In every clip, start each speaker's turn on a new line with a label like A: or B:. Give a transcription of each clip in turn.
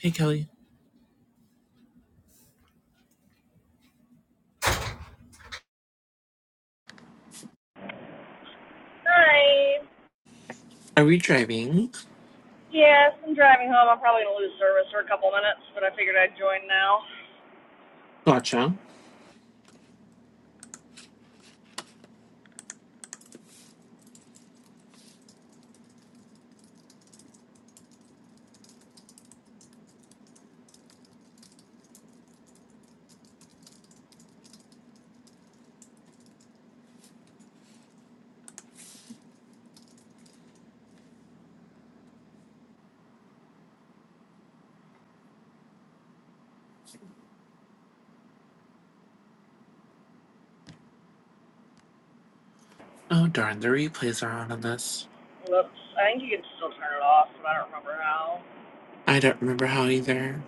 A: Hey, Kelly.
B: Hi.
A: Are we driving?
B: Yes, I'm driving home. I'm probably gonna lose service for a couple minutes, but I figured I'd join now.
A: Gotcha. Oh, darn. The replays are on on this.
B: Whoops. I think you can still turn it off, but I don't remember how.
A: I don't remember how either.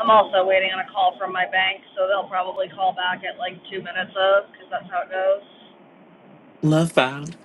B: I'm also waiting on a call from my bank, so they'll probably call back at like two minutes of, because that's how it goes.
A: Love found.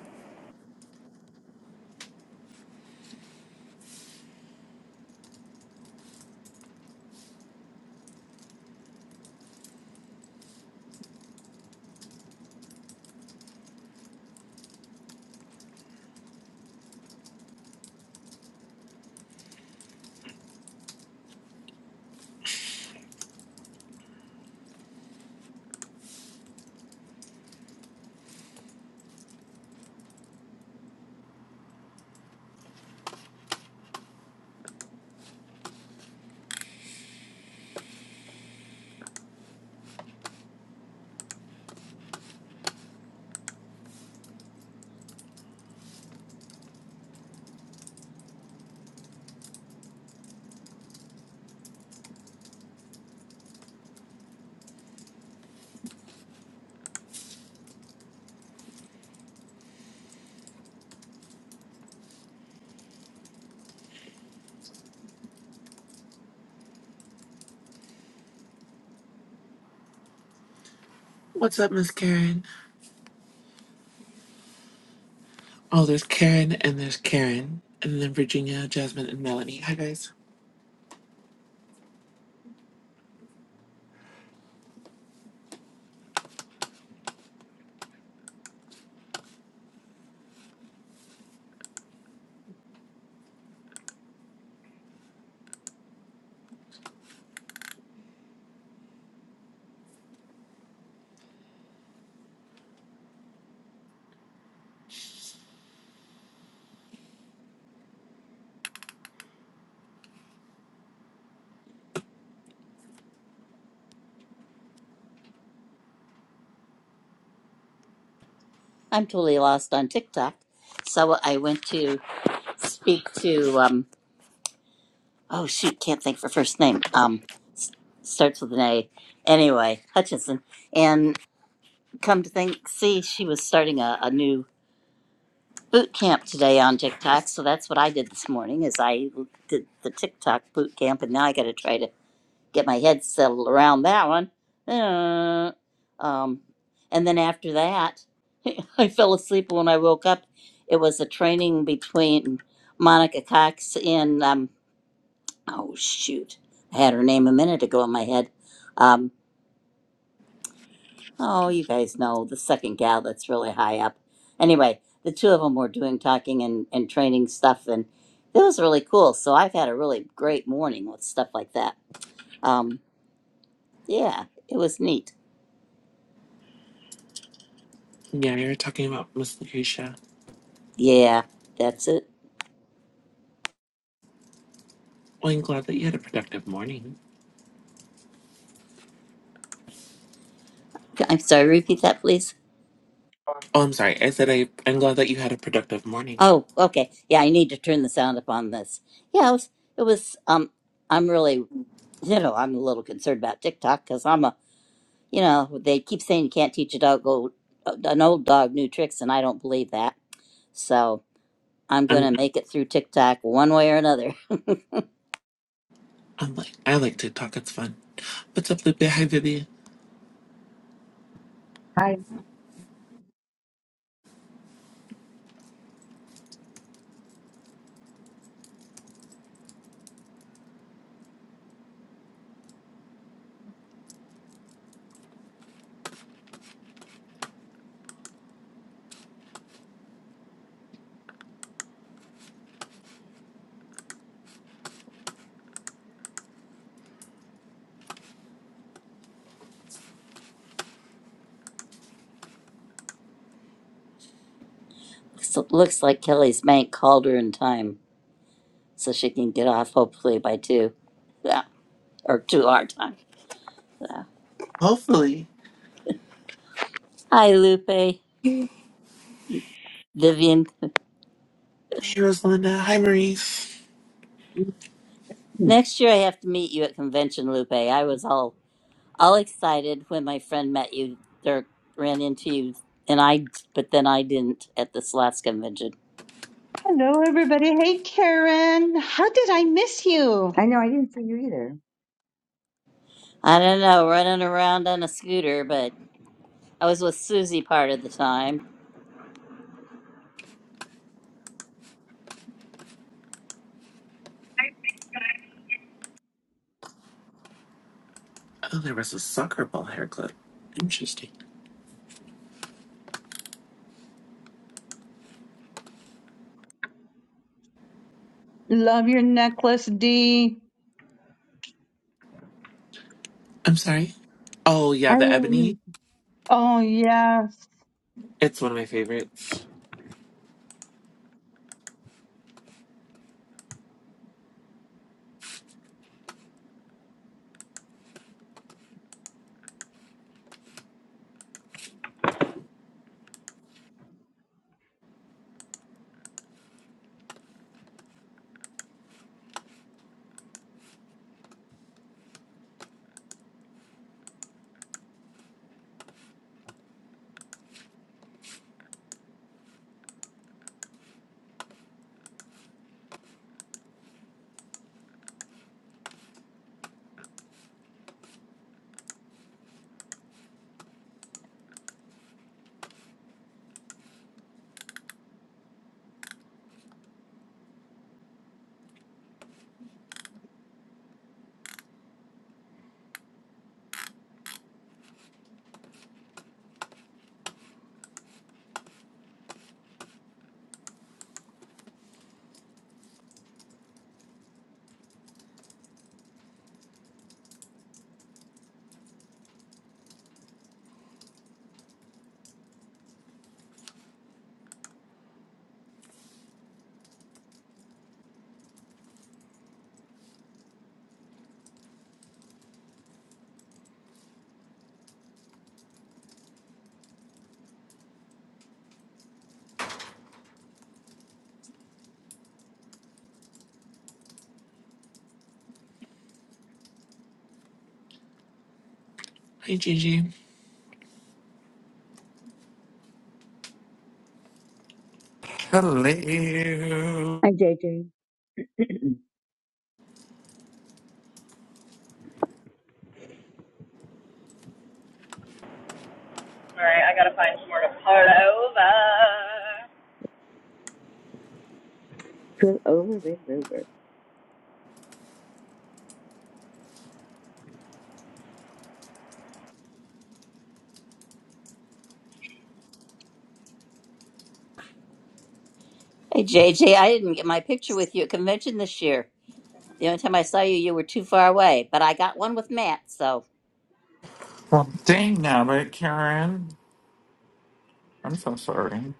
A: What's up, Miss Karen? Oh, there's Karen and there's Karen. And then Virginia, Jasmine, and Melanie. Hi, guys.
C: I'm totally lost on TikTok. So I went to speak to um oh shoot, can't think of her first name. Um starts with an A. Anyway, Hutchinson. And come to think see, she was starting a, a new boot camp today on TikTok. So that's what I did this morning is I did the TikTok boot camp and now I gotta try to get my head settled around that one. Uh, um and then after that I fell asleep when I woke up. It was a training between Monica Cox and um oh shoot. I had her name a minute ago in my head. Um oh you guys know the second gal that's really high up. Anyway, the two of them were doing talking and, and training stuff and it was really cool. So I've had a really great morning with stuff like that. Um yeah, it was neat.
A: Yeah, you were talking about Miss Lucretia.
C: Yeah, that's it.
A: Well, I'm glad that you had a productive morning.
C: I'm sorry, repeat that please.
A: Oh, I'm sorry. I said I, I'm glad that you had a productive morning.
C: Oh, okay. Yeah, I need to turn the sound up on this. Yeah, it was, it was um I'm really, you know, I'm a little concerned about TikTok cuz I'm a, you know, they keep saying you can't teach a dog old, an old dog new tricks and I don't believe that. So, I'm going to
A: I'm,
C: make it through TikTok one way or another.
A: I'm like, I like to talk. It's fun. What's up, Lupe? Hi, Vivi.
D: Hi.
C: So it looks like Kelly's bank called her in time so she can get off hopefully by 2. Yeah, or 2 our time.
A: Hopefully.
C: Hi Lupe, Vivian.
A: Hey, Rosalinda. Hi, Maurice.
D: Mhm.
C: Next year I have to meet you at convention, Lupe. I was all all excited when my friend met you or ran into you and i but then i didn't at this last convention
E: Hello, everybody. Hey, Karen. How did I miss you?
D: I know I didn't see you either.
C: i don't know running around on a scooter but i was with susie part of the time
A: Oh, there was a soccer ball hair clip. Interesting.
E: Love your necklace, D.
A: I'm sorry. Oh yeah,
E: I,
A: the ebony.
E: oh, yes.
A: It's one of my favorites. Hi Gigi.
F: Hello.
D: Hi, JJ.
B: All right, I gotta find somewhere to pull over.
D: Good over, Red Rover.
C: hey jj i didn't get my picture with you at convention this year the only time i saw you you were too far away but i got one with matt so
F: Well, dang nabbit, Karen. I'm so sorry.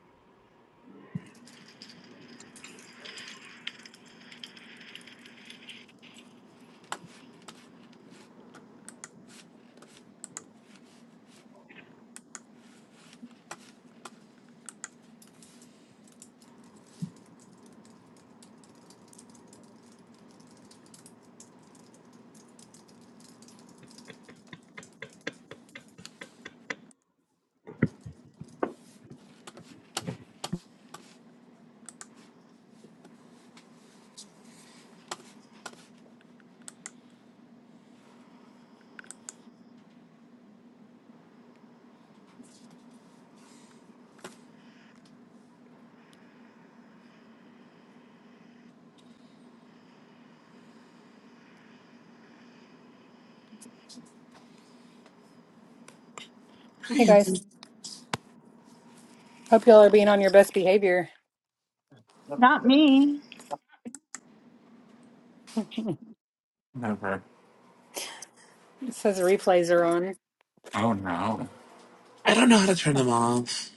A: Hi.
G: Hey guys,
A: Anthony.
G: hope y'all are being on your best behavior.
E: Not me.
F: Never.
G: It says replays are on.
F: Oh no.
A: I don't know how to turn them off.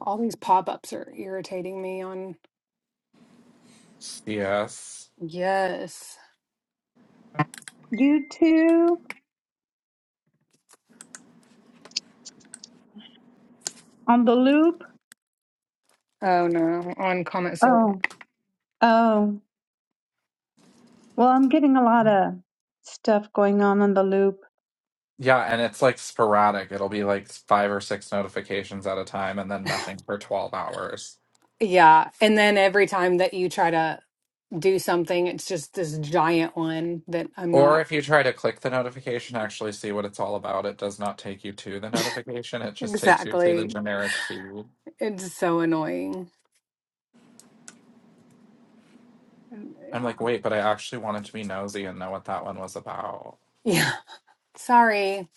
G: All these pop ups are irritating me on.
F: CS.
G: Yes.
E: You too on the loop.
G: Oh no, on comment sold.
E: Oh, oh. Well, I'm getting a lot of stuff going on on the loop.
F: Yeah, and it's like sporadic. It'll be like five or six notifications at a time and then nothing for 12 hours.
G: Yeah. And then every time that you try to do something, it's just this giant one that I'm
F: Or
G: not
F: if you try to click the notification, actually see what it's all about, it does not take you to the notification. It just takes you to the
G: exactly.
F: generic feed.
G: It's so annoying.
F: I'm
G: Yeah.
F: like, wait, but I actually wanted to be nosy and know what that one was about.
G: Yeah. Sorry.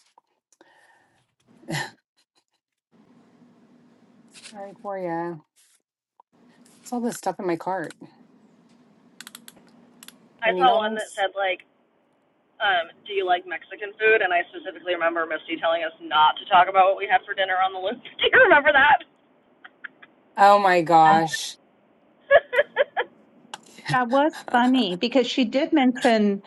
G: Sorry for ya. It's all this stuff in my cart. Do I
B: I
G: need
B: saw one
G: all
B: that
G: this?
B: said like, um, "Do you like Mexican food?" And I specifically remember Misty telling us not to talk about what we had for dinner on the loop. Do you remember that?
G: Oh my gosh.
E: That was funny because she did mention,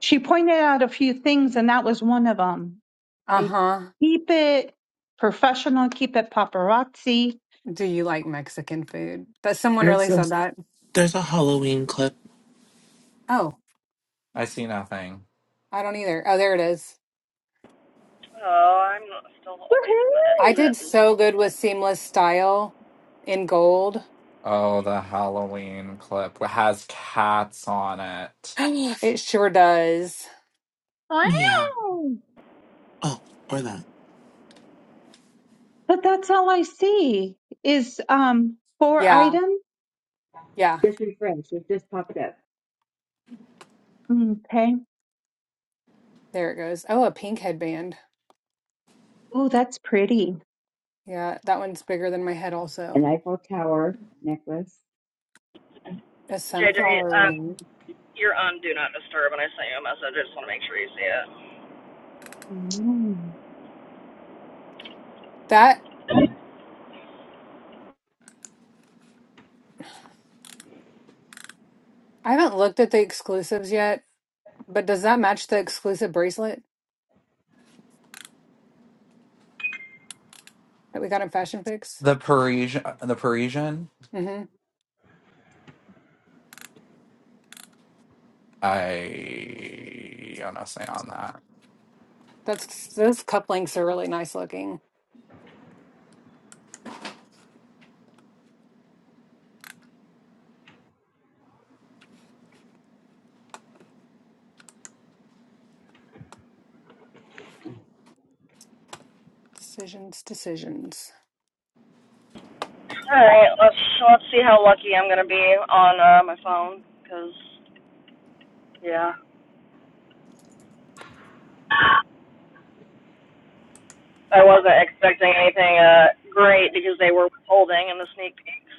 E: she pointed out a few things, and that was one of them.
G: Uh huh.
E: Keep it professional, keep it paparazzi.
G: Do you like Mexican food? But someone
A: There's
G: really
A: a
G: said that.
A: there's a Halloween clip.
G: Oh,
F: I see nothing.
G: I don't either. Oh, there it is.
B: Oh, I'm still away from the
G: I
E: Woohoo!
B: exit.
G: did so good with seamless style in gold.
F: Oh, the Halloween clip has cats on it.
G: It sure does.
A: Meow.
E: Wow.
A: Oh, or that.
E: But that's all I see is um four
G: Yeah.
E: items.
G: Yeah.
D: Just refreshed. It just popped up.
E: Mm, Okay.
G: There it goes. Oh, a pink headband.
E: Oh, that's pretty.
G: Yeah, that one's bigger than my head
D: An
G: also.
D: Eiffel Tower necklace.
G: A
B: JJ,
G: sunflower
B: um,
G: ring.
B: you're on Do Not Disturb, and I sent you a message. I just want to make sure you see it.
E: Mm.
G: That I haven't looked at the exclusives yet, but does that match the exclusive bracelet that we got in Fashion Fix?
F: The Parisian, the Parisian.
G: Mm-hmm.
F: I honestly on that.
G: That's those cup are really nice looking. Decisions, decisions.
B: All right, let's let's see how lucky I'm gonna be on uh, my phone, cause yeah, I wasn't expecting anything uh great because they were withholding in the sneak peeks.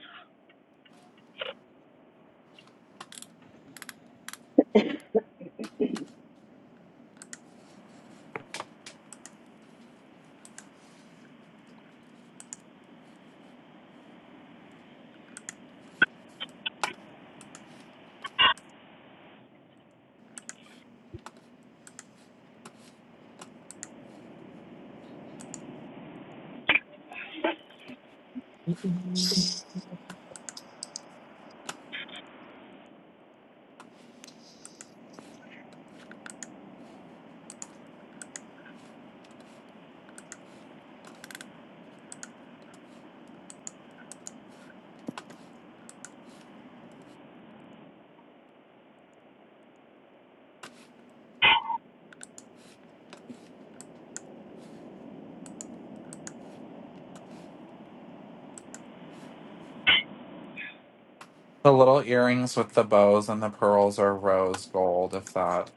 F: The little earrings with the bows and the pearls are rose gold. If that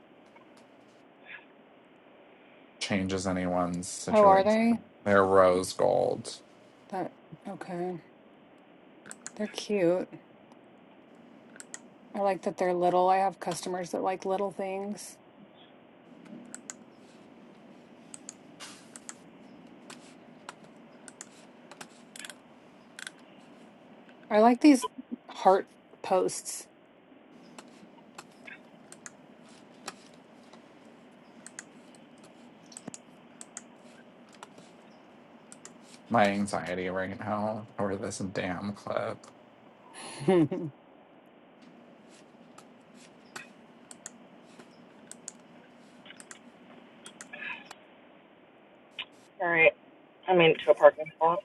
F: changes anyone's
G: Oh, are they?
F: situation, they're rose gold.
G: That okay. They're cute. I like that they're little. I have customers that like little things. I like these heart posts.
F: My anxiety right now over this damn clip.
G: I
B: All right, I made it to a parking spot.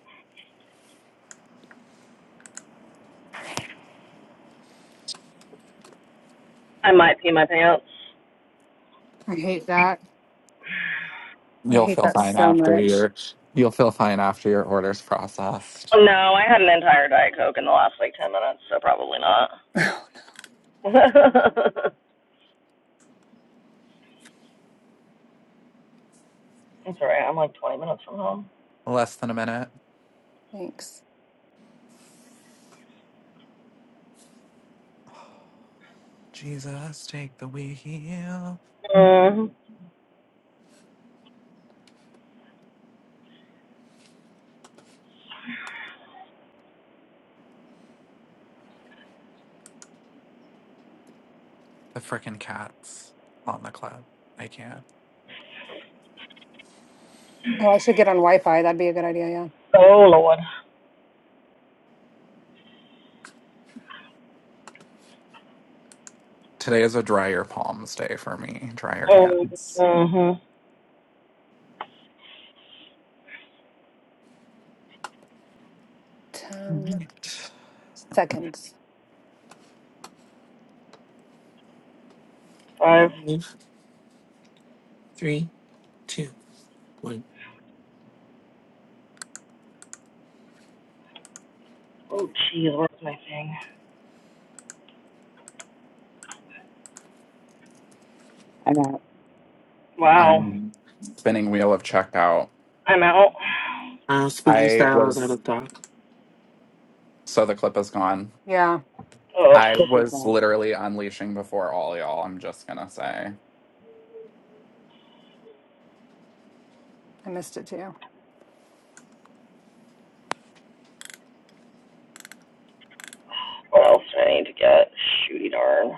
B: I might pee my pants.
G: hate that. I
F: You'll
G: hate
F: feel
G: that
F: fine
G: so
F: after
G: much.
F: your. You'll feel fine after your order's processed.
B: No, I had an entire Diet Coke in the last like ten minutes, so probably not. It's all right. I'm like 20 minutes from home.
F: Less than a minute.
G: Thanks.
F: Jesus, take the wheel.
B: hmm
F: The frickin' cats on the club. I can't.
G: Oh, I should get on Wi-Fi. That'd be a good idea, yeah.
B: Oh Lord.
F: Today is a drier palms day for me. Drier
B: Oh.
F: hands.
B: Mhm.
G: 10
F: Alright.
G: seconds.
B: Five.
A: Five, three, two, one.
B: Oh jeez, where's my thing?
D: I got
B: Wow.
F: I'm spinning wheel of checkout.
B: I'm out.
A: Uh, spooky
F: I
A: style is out
F: was
A: of dock.
F: so the clip is gone.
G: Yeah,
B: Ugh.
F: I
D: put this
F: was
D: on.
F: literally unleashing before all y'all. I'm just gonna say.
G: I missed it too.
B: What else do I need to get? Shooty darn.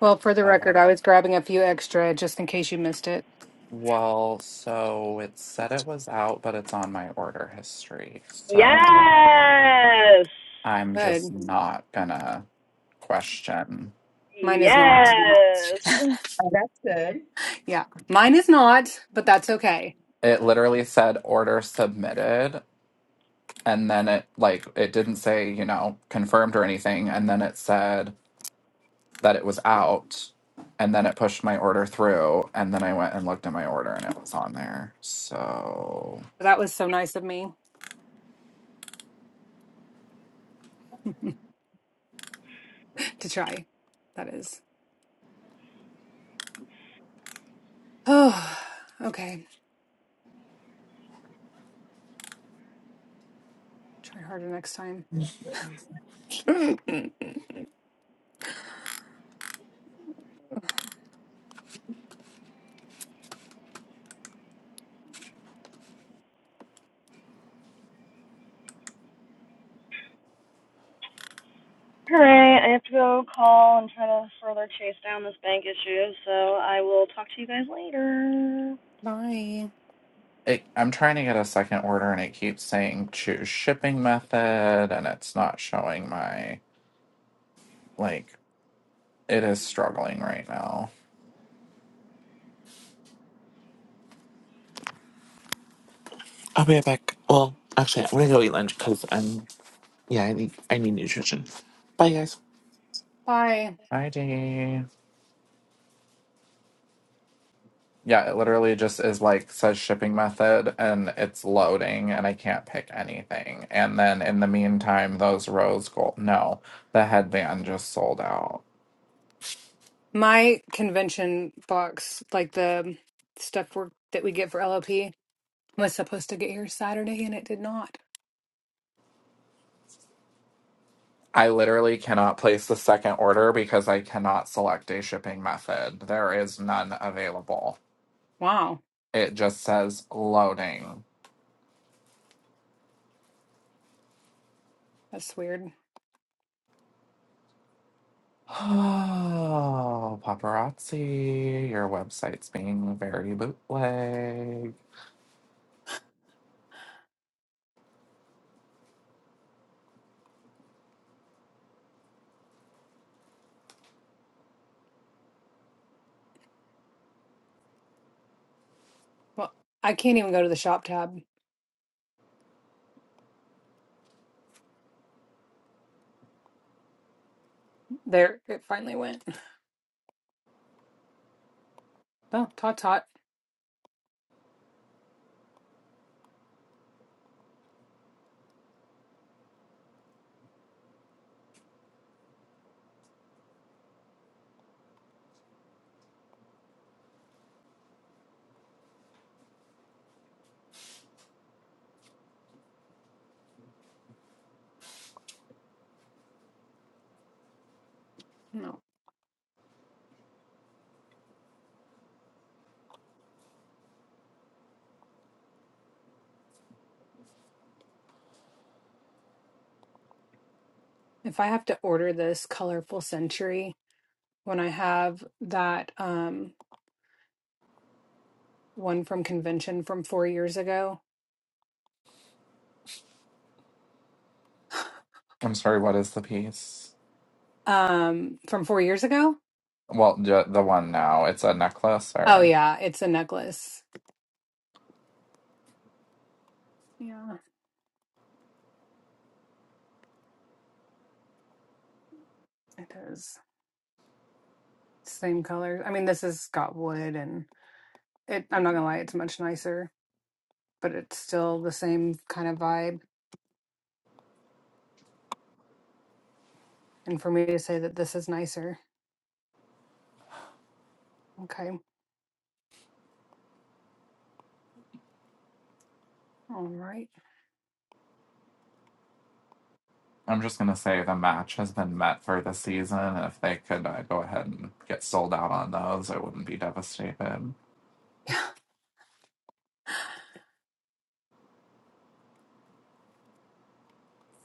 G: Well, for the
F: Uh,
G: record, I was grabbing a few extra just in case you missed it.
F: well, so it said it was out, but it's on my order history. So
G: Oh,
B: Yes.
F: I'm just
G: good.
F: not gonna question.
G: Mine is not.
B: Yes.
D: Oh, that's good.
G: Yeah, mine is not, but that's okay.
F: It literally said order submitted and then it like it didn't say you know confirmed or anything and then it said that it was out and then it pushed my order through and then i went and looked at my order and it was on there so
G: That was so nice of me. to try. That is. Oh, okay. Try harder next time.
B: All right. I have to go call and try to further chase down this bank issue. So I will talk to you guys later.
G: Bye.
F: it, i'm trying to get a second order and it keeps saying choose shipping method and it's not showing my like it is struggling right now
A: I'll be right back. Well, actually, I'm gonna go eat lunch because I'm yeah, I need I need nutrition. Bye guys.
G: Bye.
F: id Yeah, it literally just is like says shipping method and it's loading and I can't pick anything. And then in the meantime, those rose gold. No, the headband just sold out.
G: My convention box, like the stuff we that we get for LLP, was supposed to get here Saturday and it did not.
F: I literally cannot place the second order because I cannot select a shipping method. There is none available.
G: Wow.
F: It just says loading.
G: That's weird.
F: Oh, paparazzi, your website's being very bootleg.
G: Well, I can't even go to the shop tab. There, it finally went. Oh, tot tot. No. If I have to order this colorful century when I have that um one from convention from four years ago,
F: I'm sorry, what is the piece?
G: Um, from four years ago.
F: Well, ju- the one now. It's a necklace,
G: Oh
F: or
G: yeah, it's a necklace. Yeah, it is. Same color. I mean, this has got wood, and it. I'm not gonna lie, it's much nicer, but it's still the same kind of vibe. And for me to say that this is nicer, okay, all right,
F: I'm just gonna say the match has been met for the season. If they could uh, go ahead and get sold out on those, I wouldn't be devastated.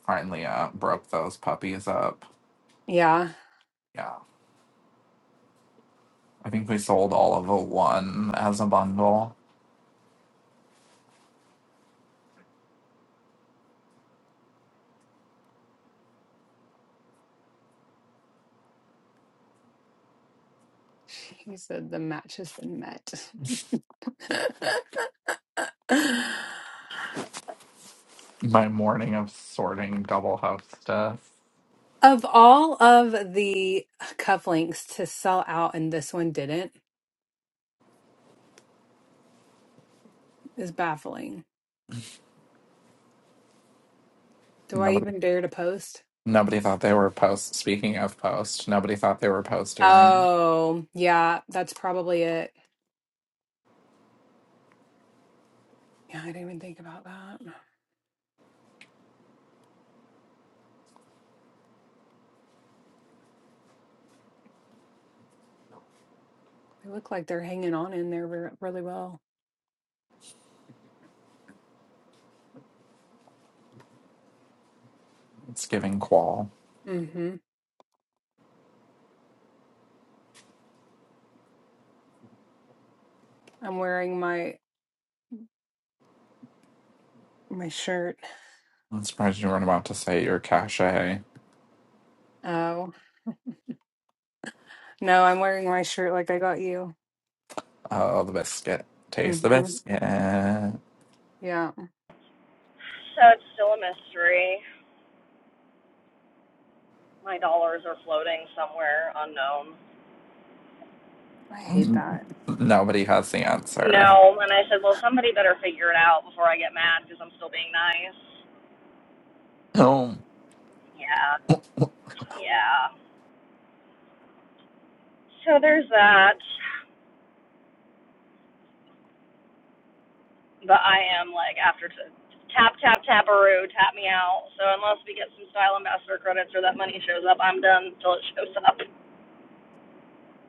F: Finally, uh, broke those puppies up.
G: yeah.
F: Yeah, I think we sold all of the one as a bundle.
G: He said the match has been met.
F: My morning of sorting double house stuff.
G: of all of the cufflinks to sell out, and this one didn't, is baffling. Do I
F: Nobody,
G: even dare to post?
F: nobody thought they were post. Speaking of post, nobody thought they were post earring.
G: Oh, yeah, that's probably it. Yeah, I didn't even think about that. They look like they're hanging on in there re- really well.
F: It's giving qual.
G: Mm-hmm. I'm wearing my my shirt.
F: I'm surprised you weren't about to say your cachet.
G: Oh, no, I'm wearing my shirt like I got you.
F: Oh, the biscuit. Taste the
G: Mm-hmm.
F: biscuit. Mm,
G: Yeah,
B: So it's still a mystery. My dollars are floating somewhere unknown.
G: I hate that.
F: Nobody has the answer.
B: No, and I said, well, somebody better figure it out before I get mad because I'm still being nice.
F: Oh,
B: Yeah, yeah. So there's that, but I am like after t- tap tap taparoo, tap me out. So unless we get some style ambassador credits or that money shows up, I'm done till it shows up.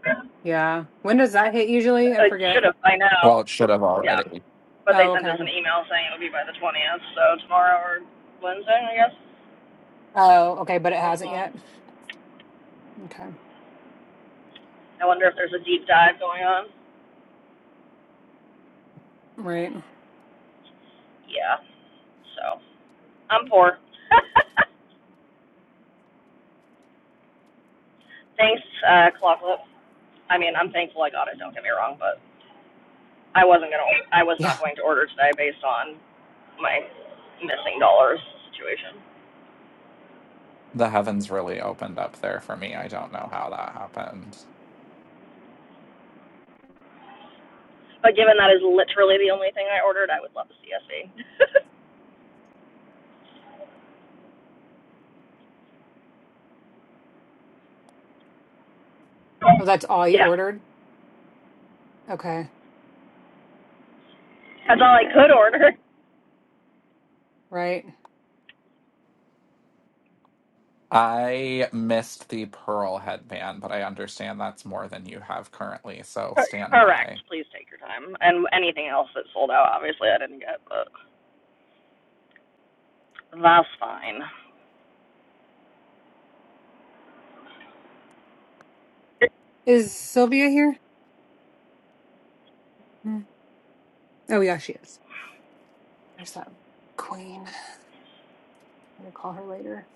G: Yeah. When does that hit usually? I
B: It should
G: forget.
B: have by
F: well,
B: now.
F: it should have
B: Yeah,
F: already.
B: but they
G: Oh,
B: sent
G: okay.
B: us an email saying it would be by the 20th, so tomorrow or Wednesday, I guess.
G: Oh, okay, but it hasn't
B: Uh-uh.
G: yet. Okay.
B: I wonder if there's a deep dive going on.
G: Right.
B: Yeah. So. I'm poor. Thanks, uh, Clawfoot. I mean, I'm thankful I got it. Don't get me wrong, but I wasn't gonna. I was
G: Yeah.
B: not going to order today based on my missing dollars situation.
F: The heavens really opened up there for me. I don't know how that happened.
B: But given that is literally the only thing I ordered, I would love a CSV.
G: Oh, that's all you
B: yeah,
G: ordered? Okay.
B: that's all I could order.
G: Right.
F: I missed the pearl headband, but I understand that's more than you have currently, so stand
B: Correct.
F: by.
B: Please take your time. And anything else that sold out, obviously I didn't get, but that's fine.
G: Is Sylvia here? Mm. Oh, yeah, she is. There's that queen. I'm gonna call her later.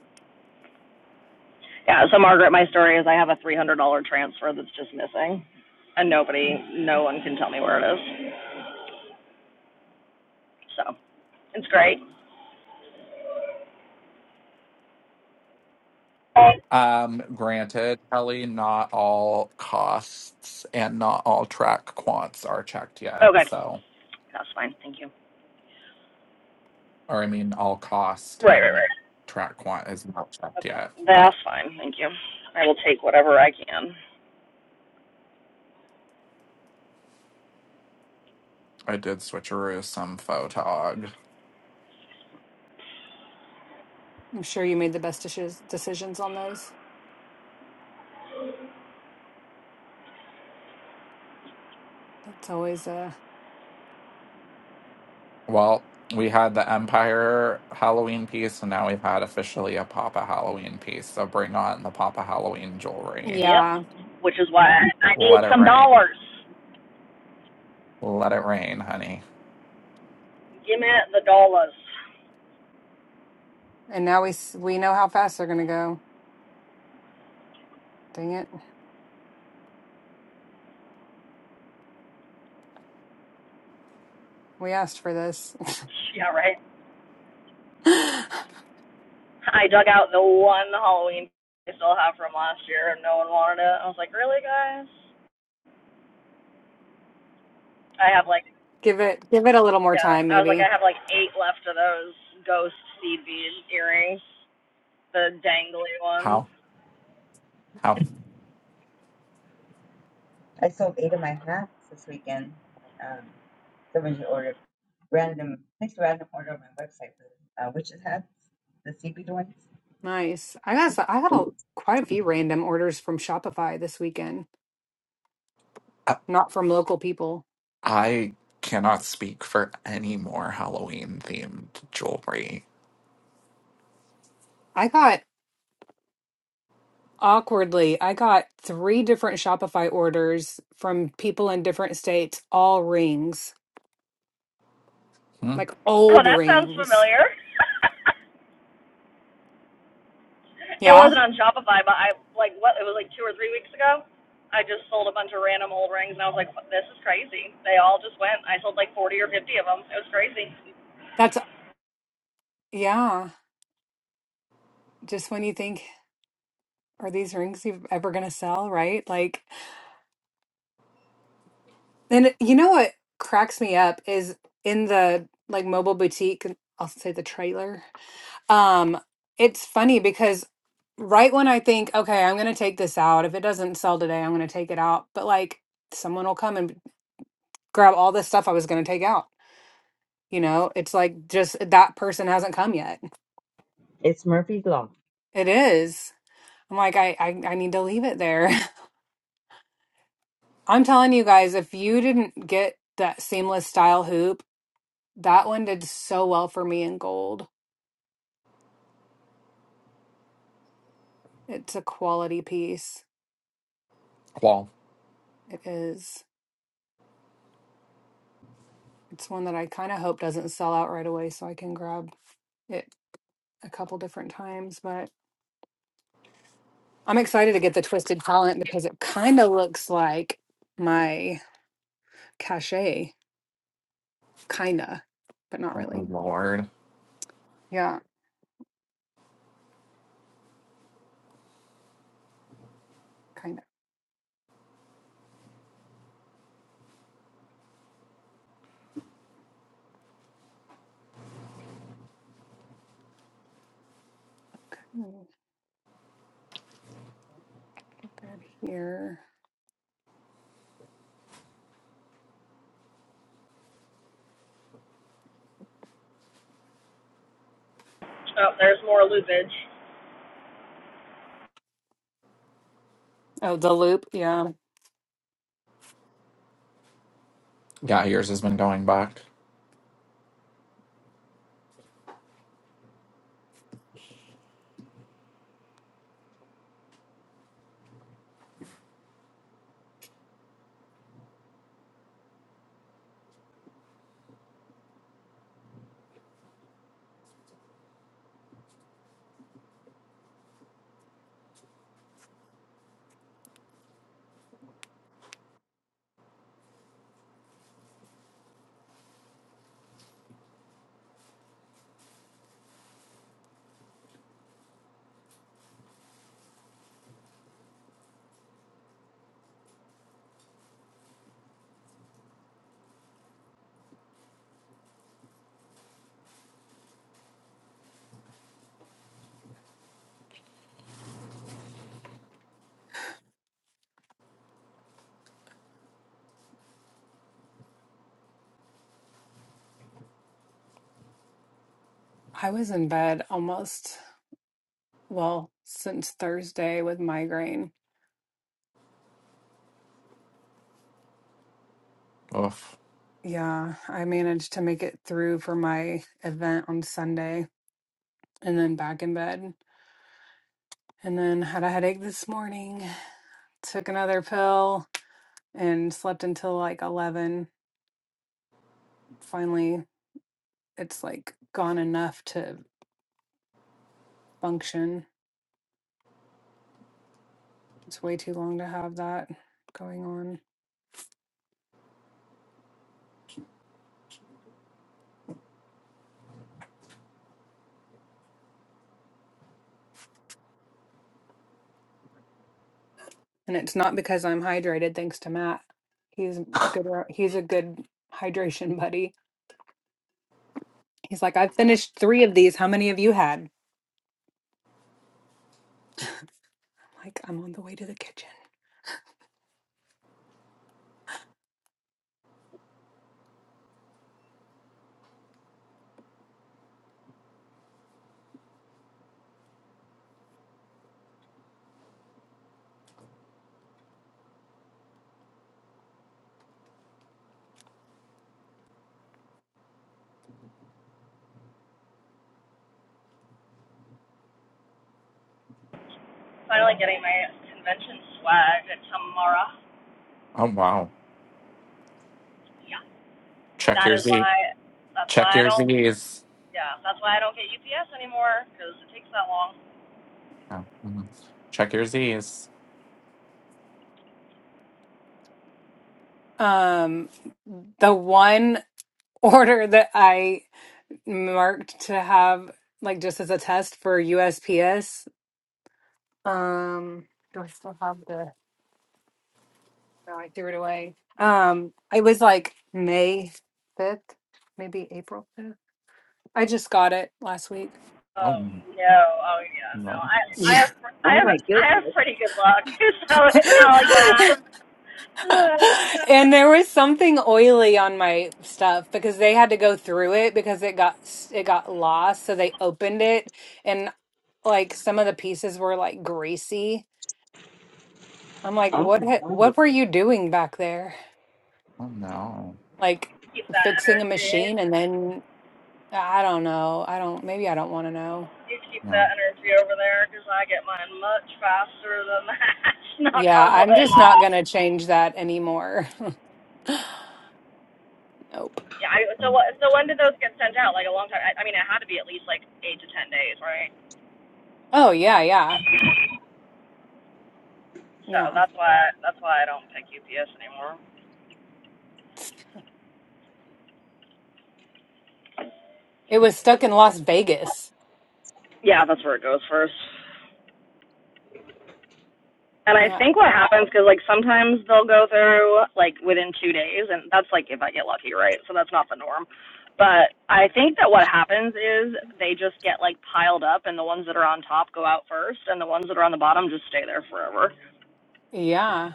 B: Yeah, so Margaret, my story is I have a three hundred dollar transfer that's just missing, and nobody, no one can tell me where it is. So it's great.
F: Um, granted, Kelly, not all costs and not all track quants are checked yet,
B: Okay,
F: so.
B: that's fine. Thank you.
F: or I mean, all cost
B: Right, right,
F: and
B: right.
F: track quant is not checked yet,
B: Okay, That's
F: but
B: fine. Thank you. I will take whatever I can.
F: I did switcheroo some photog.
G: I'm sure you made the best dishes, decisions on those. That's always uh
F: Well, we had the Empire Halloween piece, and now we've had officially a Papa Halloween piece. So bring on the Papa Halloween jewelry.
B: Yep.
G: yeah.
B: Which is why I need
F: Let it
B: some
F: rain.
B: dollars.
F: Let it rain, honey.
B: Give me the dollars.
G: And now we s- we know how fast they're gonna go. Dang it, we asked for this.
B: Yeah, right. I dug out the one Halloween I still have from last year, and no one wanted it. I was like, really, guys? I have like
G: give it give it a little more
B: Yeah,
G: time,
B: I was like, I
G: maybe.
B: have like eight left of those ghost seed bead earrings, the dangly ones.
F: How? How?
D: I sold eight of my hats this weekend. Um, someone just ordered random, placed a random order on my website for uh, witches hats, the CB ones.
G: Nice. I got s- I got a, quite a few random orders from Shopify this weekend,
F: I
G: not from local people.
F: I cannot speak for any more Halloween themed jewelry.
G: I got awkwardly I got three different Shopify orders from people in different states, all rings,
F: Hmm?
G: like
B: Oh,
G: old
B: that sounds
G: rings.
B: familiar. it
G: Yeah.
B: wasn't on Shopify, but I like what it was like two or three weeks ago. I just sold a bunch of random old rings, and I was like, this is crazy. They all just went. I sold like 40 or 50 of them. It was crazy.
G: that's. Yeah, just when you think, are these rings ev- ever going to sell, right? Like, then it- you know what cracks me up is in the like mobile boutique, and I'll say the trailer. Um, it's funny because right when I think, okay, I'm going to take this out, if it doesn't sell today, I'm going to take it out, but like someone will come and grab all this stuff I was going to take out. You know, it's like just that person hasn't come yet.
D: It's Murphy's Law.
G: It is. I'm like, I, I, I need to leave it there. I'm telling you guys, if you didn't get that seamless style hoop, that one did so well for me in gold. It's a quality piece.
F: Well,
G: It is. It's one that I kind of hope doesn't sell out right away so I can grab it a couple different times. But I'm excited to get the Twisted Talent because it kind of looks like my cachet, kind of, but not
F: oh,
G: really.
F: Lord.
G: Yeah, kind of. Grab here.
B: Oh, there's more loopage.
G: Oh, the loop. Yeah.
F: Yeah, yours has been going back.
G: I was in bed almost Well, since Thursday with migraine.
F: Oof.
G: Yeah, I managed to make it through for my event on Sunday and then back in bed. And then had a headache this morning, took another pill and slept until like 11. Finally, it's like gone enough to function. It's way too long to have that going on. And it's not because I'm hydrated, thanks to Matt. He's good. ar- He's a good hydration buddy He's like, I've finished three of these. How many have you had? I'm Like, I'm on the way to the kitchen.
B: Finally getting my convention swag at Tamara.
F: Oh wow.
B: Yeah,
F: Check
B: that
F: your
B: is
F: Z.
B: why. That's
F: Check
B: why I
F: your
B: don't
F: Z's.
B: Yeah, that's why I don't get UPS anymore because it takes that long.
F: Oh, mhm. Check your Z's.
G: Um, the one order that I marked to have, like, just as a test for USPS. Um, do I still have the? No, I threw it away. Um, it was like May 5th, maybe April 5th. I just got it last week.
F: Oh
B: Oh
F: mm,
B: no! Oh yeah,
F: no.
B: no. I I
G: Yeah.
B: have I
D: Oh
B: have
D: my
B: I have
D: goodness.
B: pretty good luck, so it's not like that. Uh,
G: and there was something oily on my stuff because they had to go through it because it got it got lost so they opened it and like some of the pieces were like greasy i'm like
D: Oh
G: what
D: my
G: ha-
D: god.
G: what were you doing back there
F: Oh no.
G: like
B: keep that
G: fixing a
B: energy.
G: machine and then i don't know i don't maybe i don't want to know
B: You keep
F: No.
B: that energy over there because I get mine much faster than that. Knock
G: yeah
B: on wood.
G: i'm just not going to change that anymore nope
B: Yeah. I, so
F: Oh,
B: what? So when did those get sent out? Like a long time. I, I mean, it had to be at least like eight to ten days, right?
G: oh yeah yeah
B: So
G: yeah
B: that's why that's why I don't pick UPS anymore.
G: it was stuck in las vegas
B: Yeah, that's where it goes first. And I
G: yeah
B: think what happens because like sometimes they'll go through like within two days, and that's like if I get lucky, right? So that's not the norm. But I think that what happens is they just get like piled up, and the ones that are on top go out first, and the ones that are on the bottom just stay there forever.
G: yeah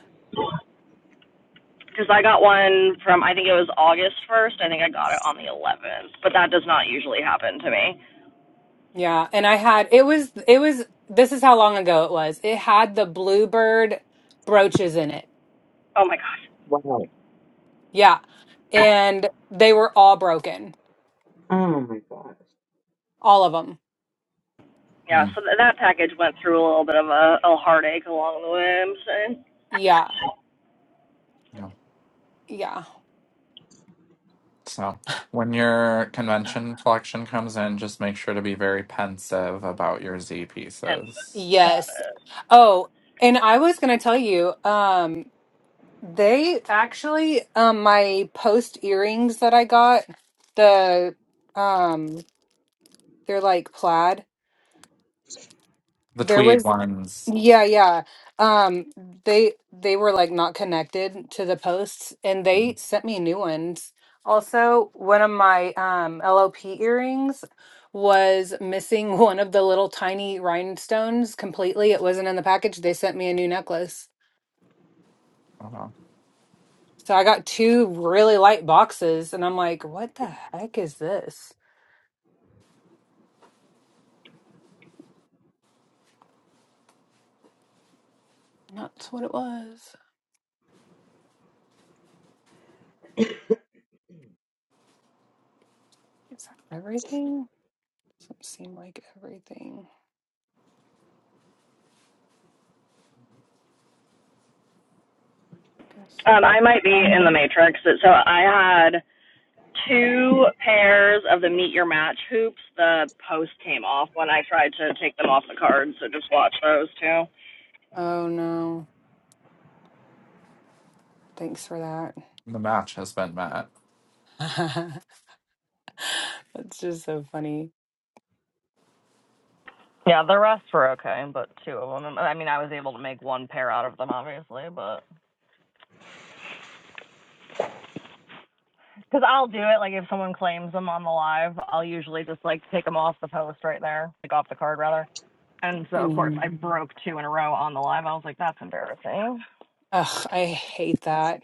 B: Because I got one from I think it was August first. I think I got it on the 11th, but that does not usually happen to me.
G: Yeah, and I had it was it was this is how long ago it was. It had the bluebird brooches in it.
B: Oh my gosh,
D: Wow.
G: Yeah. And they were all broken.
D: Oh my gosh.
G: All of them.
B: yeah.
F: mm,
B: So th- that package went through a little bit of a, a heartache along the way. I'm saying,
G: Yeah.
F: No.
G: Yeah.
F: So when your convention collection comes in, just make sure to be very pensive about your Z
B: hence
F: pieces.
B: that.
G: Yes.
B: is.
G: Oh, and I was going to tell you um they actually um my post earrings that I got the um they're like plaid.
F: The
G: There
F: tweed
G: was
F: ones.
G: Yeah, yeah. Um, they they were like not connected to the posts, and
F: Mm,
G: they sent me new ones. Also, one of my um LOP earrings was missing one of the little tiny rhinestones completely. It wasn't in the package. They sent me a new necklace.
F: Oh, wow.
G: So I got two really light boxes, and I'm like, what the heck is this? And that's what it was. Is that everything? Doesn't seem like everything. Guess
B: Um, I
G: so.
B: might be in the matrix. So I had two pairs of the meet your match hoops. The post came off when I tried to take them off the card. So just watch those two.
G: Oh no. Thanks for that.
F: The match has been met.
G: That's just so funny.
B: Yeah, the rest were okay, but two of them. I mean, I was able to make one pair out of them, obviously, but because I'll do it. Like if someone claims them on the live, I'll usually just like take them off the post right there, like off the card rather. And so of course
G: Mm.
B: I broke two in a row on the live. I was like, that's embarrassing.
G: Ugh, I hate that.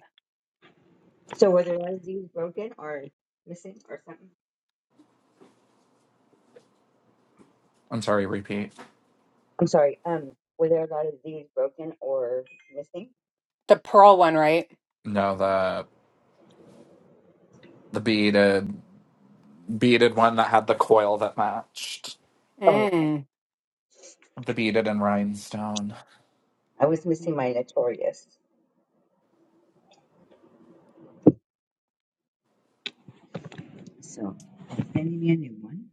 D: So were there a lot of Z's broken or missing or something?
F: I'm sorry, repeat.
D: I'm sorry. Um, were there a lot of Z's broken or missing?
G: The pearl one, right?
F: No, the the beaded beaded one that had the coil that matched.
D: Oh, okay.
G: Mm.
F: The beaded and rhinestone.
D: I was missing my notorious. So sending me a new one.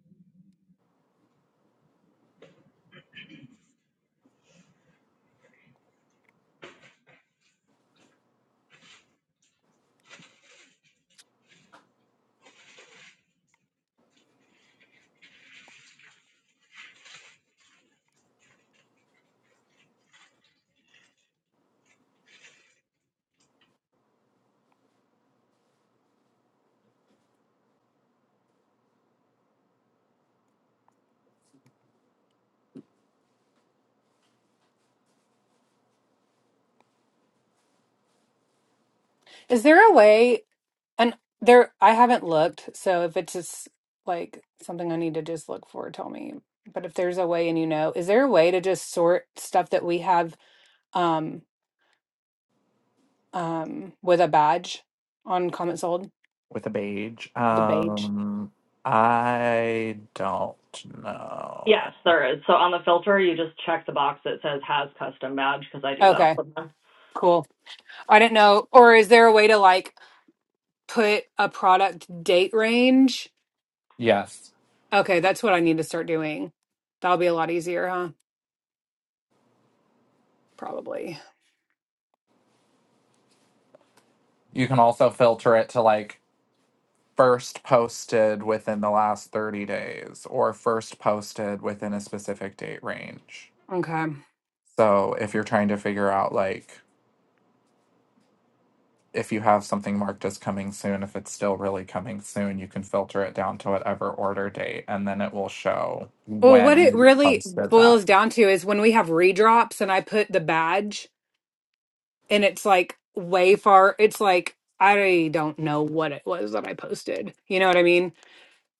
G: Is there a way? And there, I haven't looked. So if it's just like something I need to just look for, tell me. But if there's a way, and you know, is there a way to just sort stuff that we have um um with a badge on comment sold
F: with a beige.
G: with a badge?
F: Um, I don't know.
B: Yes, there is. So on the filter, you just check the box that says has custom badge because I do that
G: Okay,
B: all the time.
G: cool. I didn't know. Or is there a way to like? put a product date range.
F: Yes,
G: Okay, that's what I need to start doing. That'll be a lot easier, huh? Probably.
F: you can also filter it to like first posted within the last 30 days or first posted within a specific date range.
G: Okay.
F: So if you're trying to figure out like if you have something marked as coming soon, if it's still really coming soon, you can filter it down to whatever order date and then it will show
G: Well, what it
F: when you
G: really
F: posted that.
G: boils down to is when we have redrops and I put the badge and it's like way far, it's like I don't know what it was that I posted. You know what I mean?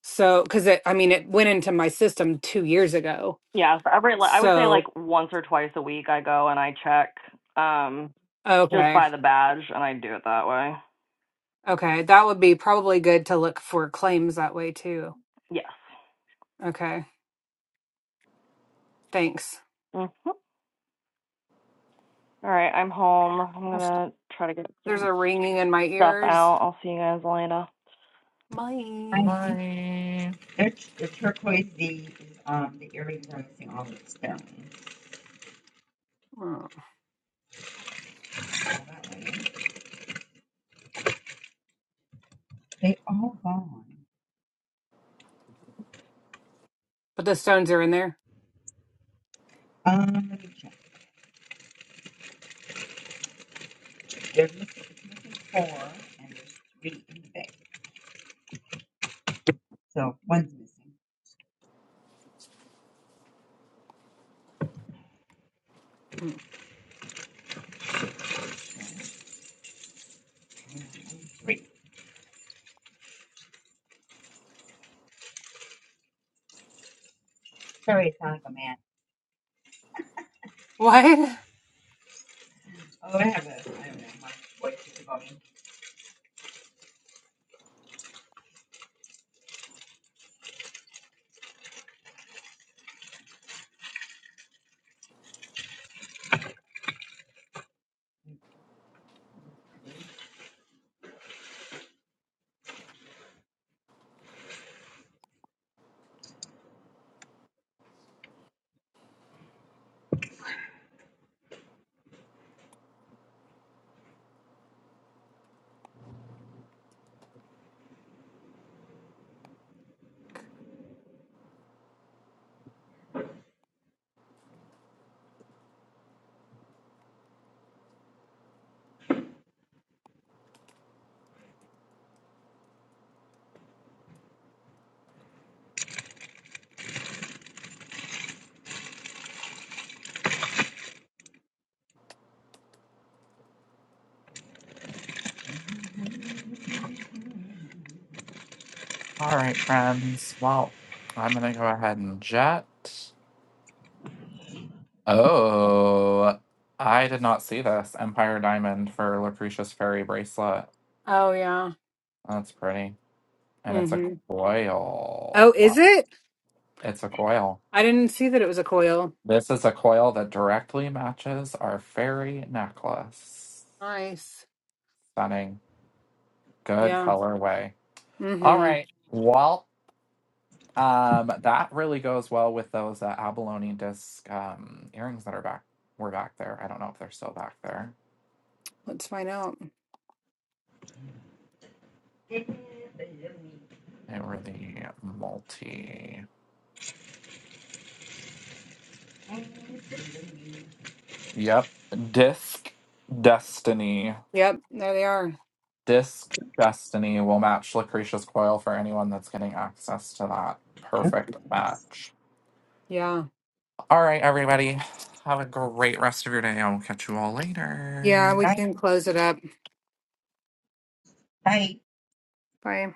G: So, because it, I mean, it went into my system two years ago.
B: Yeah, so every I would say like
G: So,
B: once or twice a week I go and I check um just
G: okay.
B: by the badge and I do it that way.
G: Okay, that would be probably good to look for claims that way too.
B: Yes.
G: Okay, thanks.
B: Mhm. All right, I'm home. I'm gonna try to get
G: There's a ringing in my
B: stuff
G: ears.
B: out. I'll see you guys later.
G: My.
D: I
F: My
D: they're, the turquoise V is um the earrings are missing all the stones.
G: Oh.
D: All that way. They all gone.
G: But the stones are in there.
D: Um, let me check. They're missing, it's missing four and there's three in the bag. So one's missing.
G: Hmm.
D: So, yeah, three. Sorry, I sound like a man.
G: What?
D: Oh, I have that. I have that. My white chicken volume.
F: All right, friends. Well, I'm going to go ahead and jet. Oh, I did not see this Empire Diamond for Lucretia's Fairy Bracelet.
G: Oh, yeah.
F: That's pretty. And it's a
G: hmm Oh,
F: coil.
G: is
F: Wow.
G: it?
F: It's a coil.
G: I didn't see that it was a coil.
F: This is a coil that directly matches our fairy necklace.
G: Nice.
F: Stunning. Good
G: Yeah.
F: colorway. All
G: hmm
F: right. Well, Um, that really goes well with those uh, abalone disc um, earrings that are back were back there. I don't know if they're still back there.
G: Let's find out.
F: They were the multi. Yep, disc destiny.
G: Yep, there they are.
F: Disc destiny will match Lucretia's coil for anyone that's getting access to that
D: Yeah.
F: perfect match.
G: Yeah.
F: All right, everybody, have a great rest of your day. I will catch you all later.
G: Yeah, we
D: That's
G: can close it up.
D: tight.
G: Bye.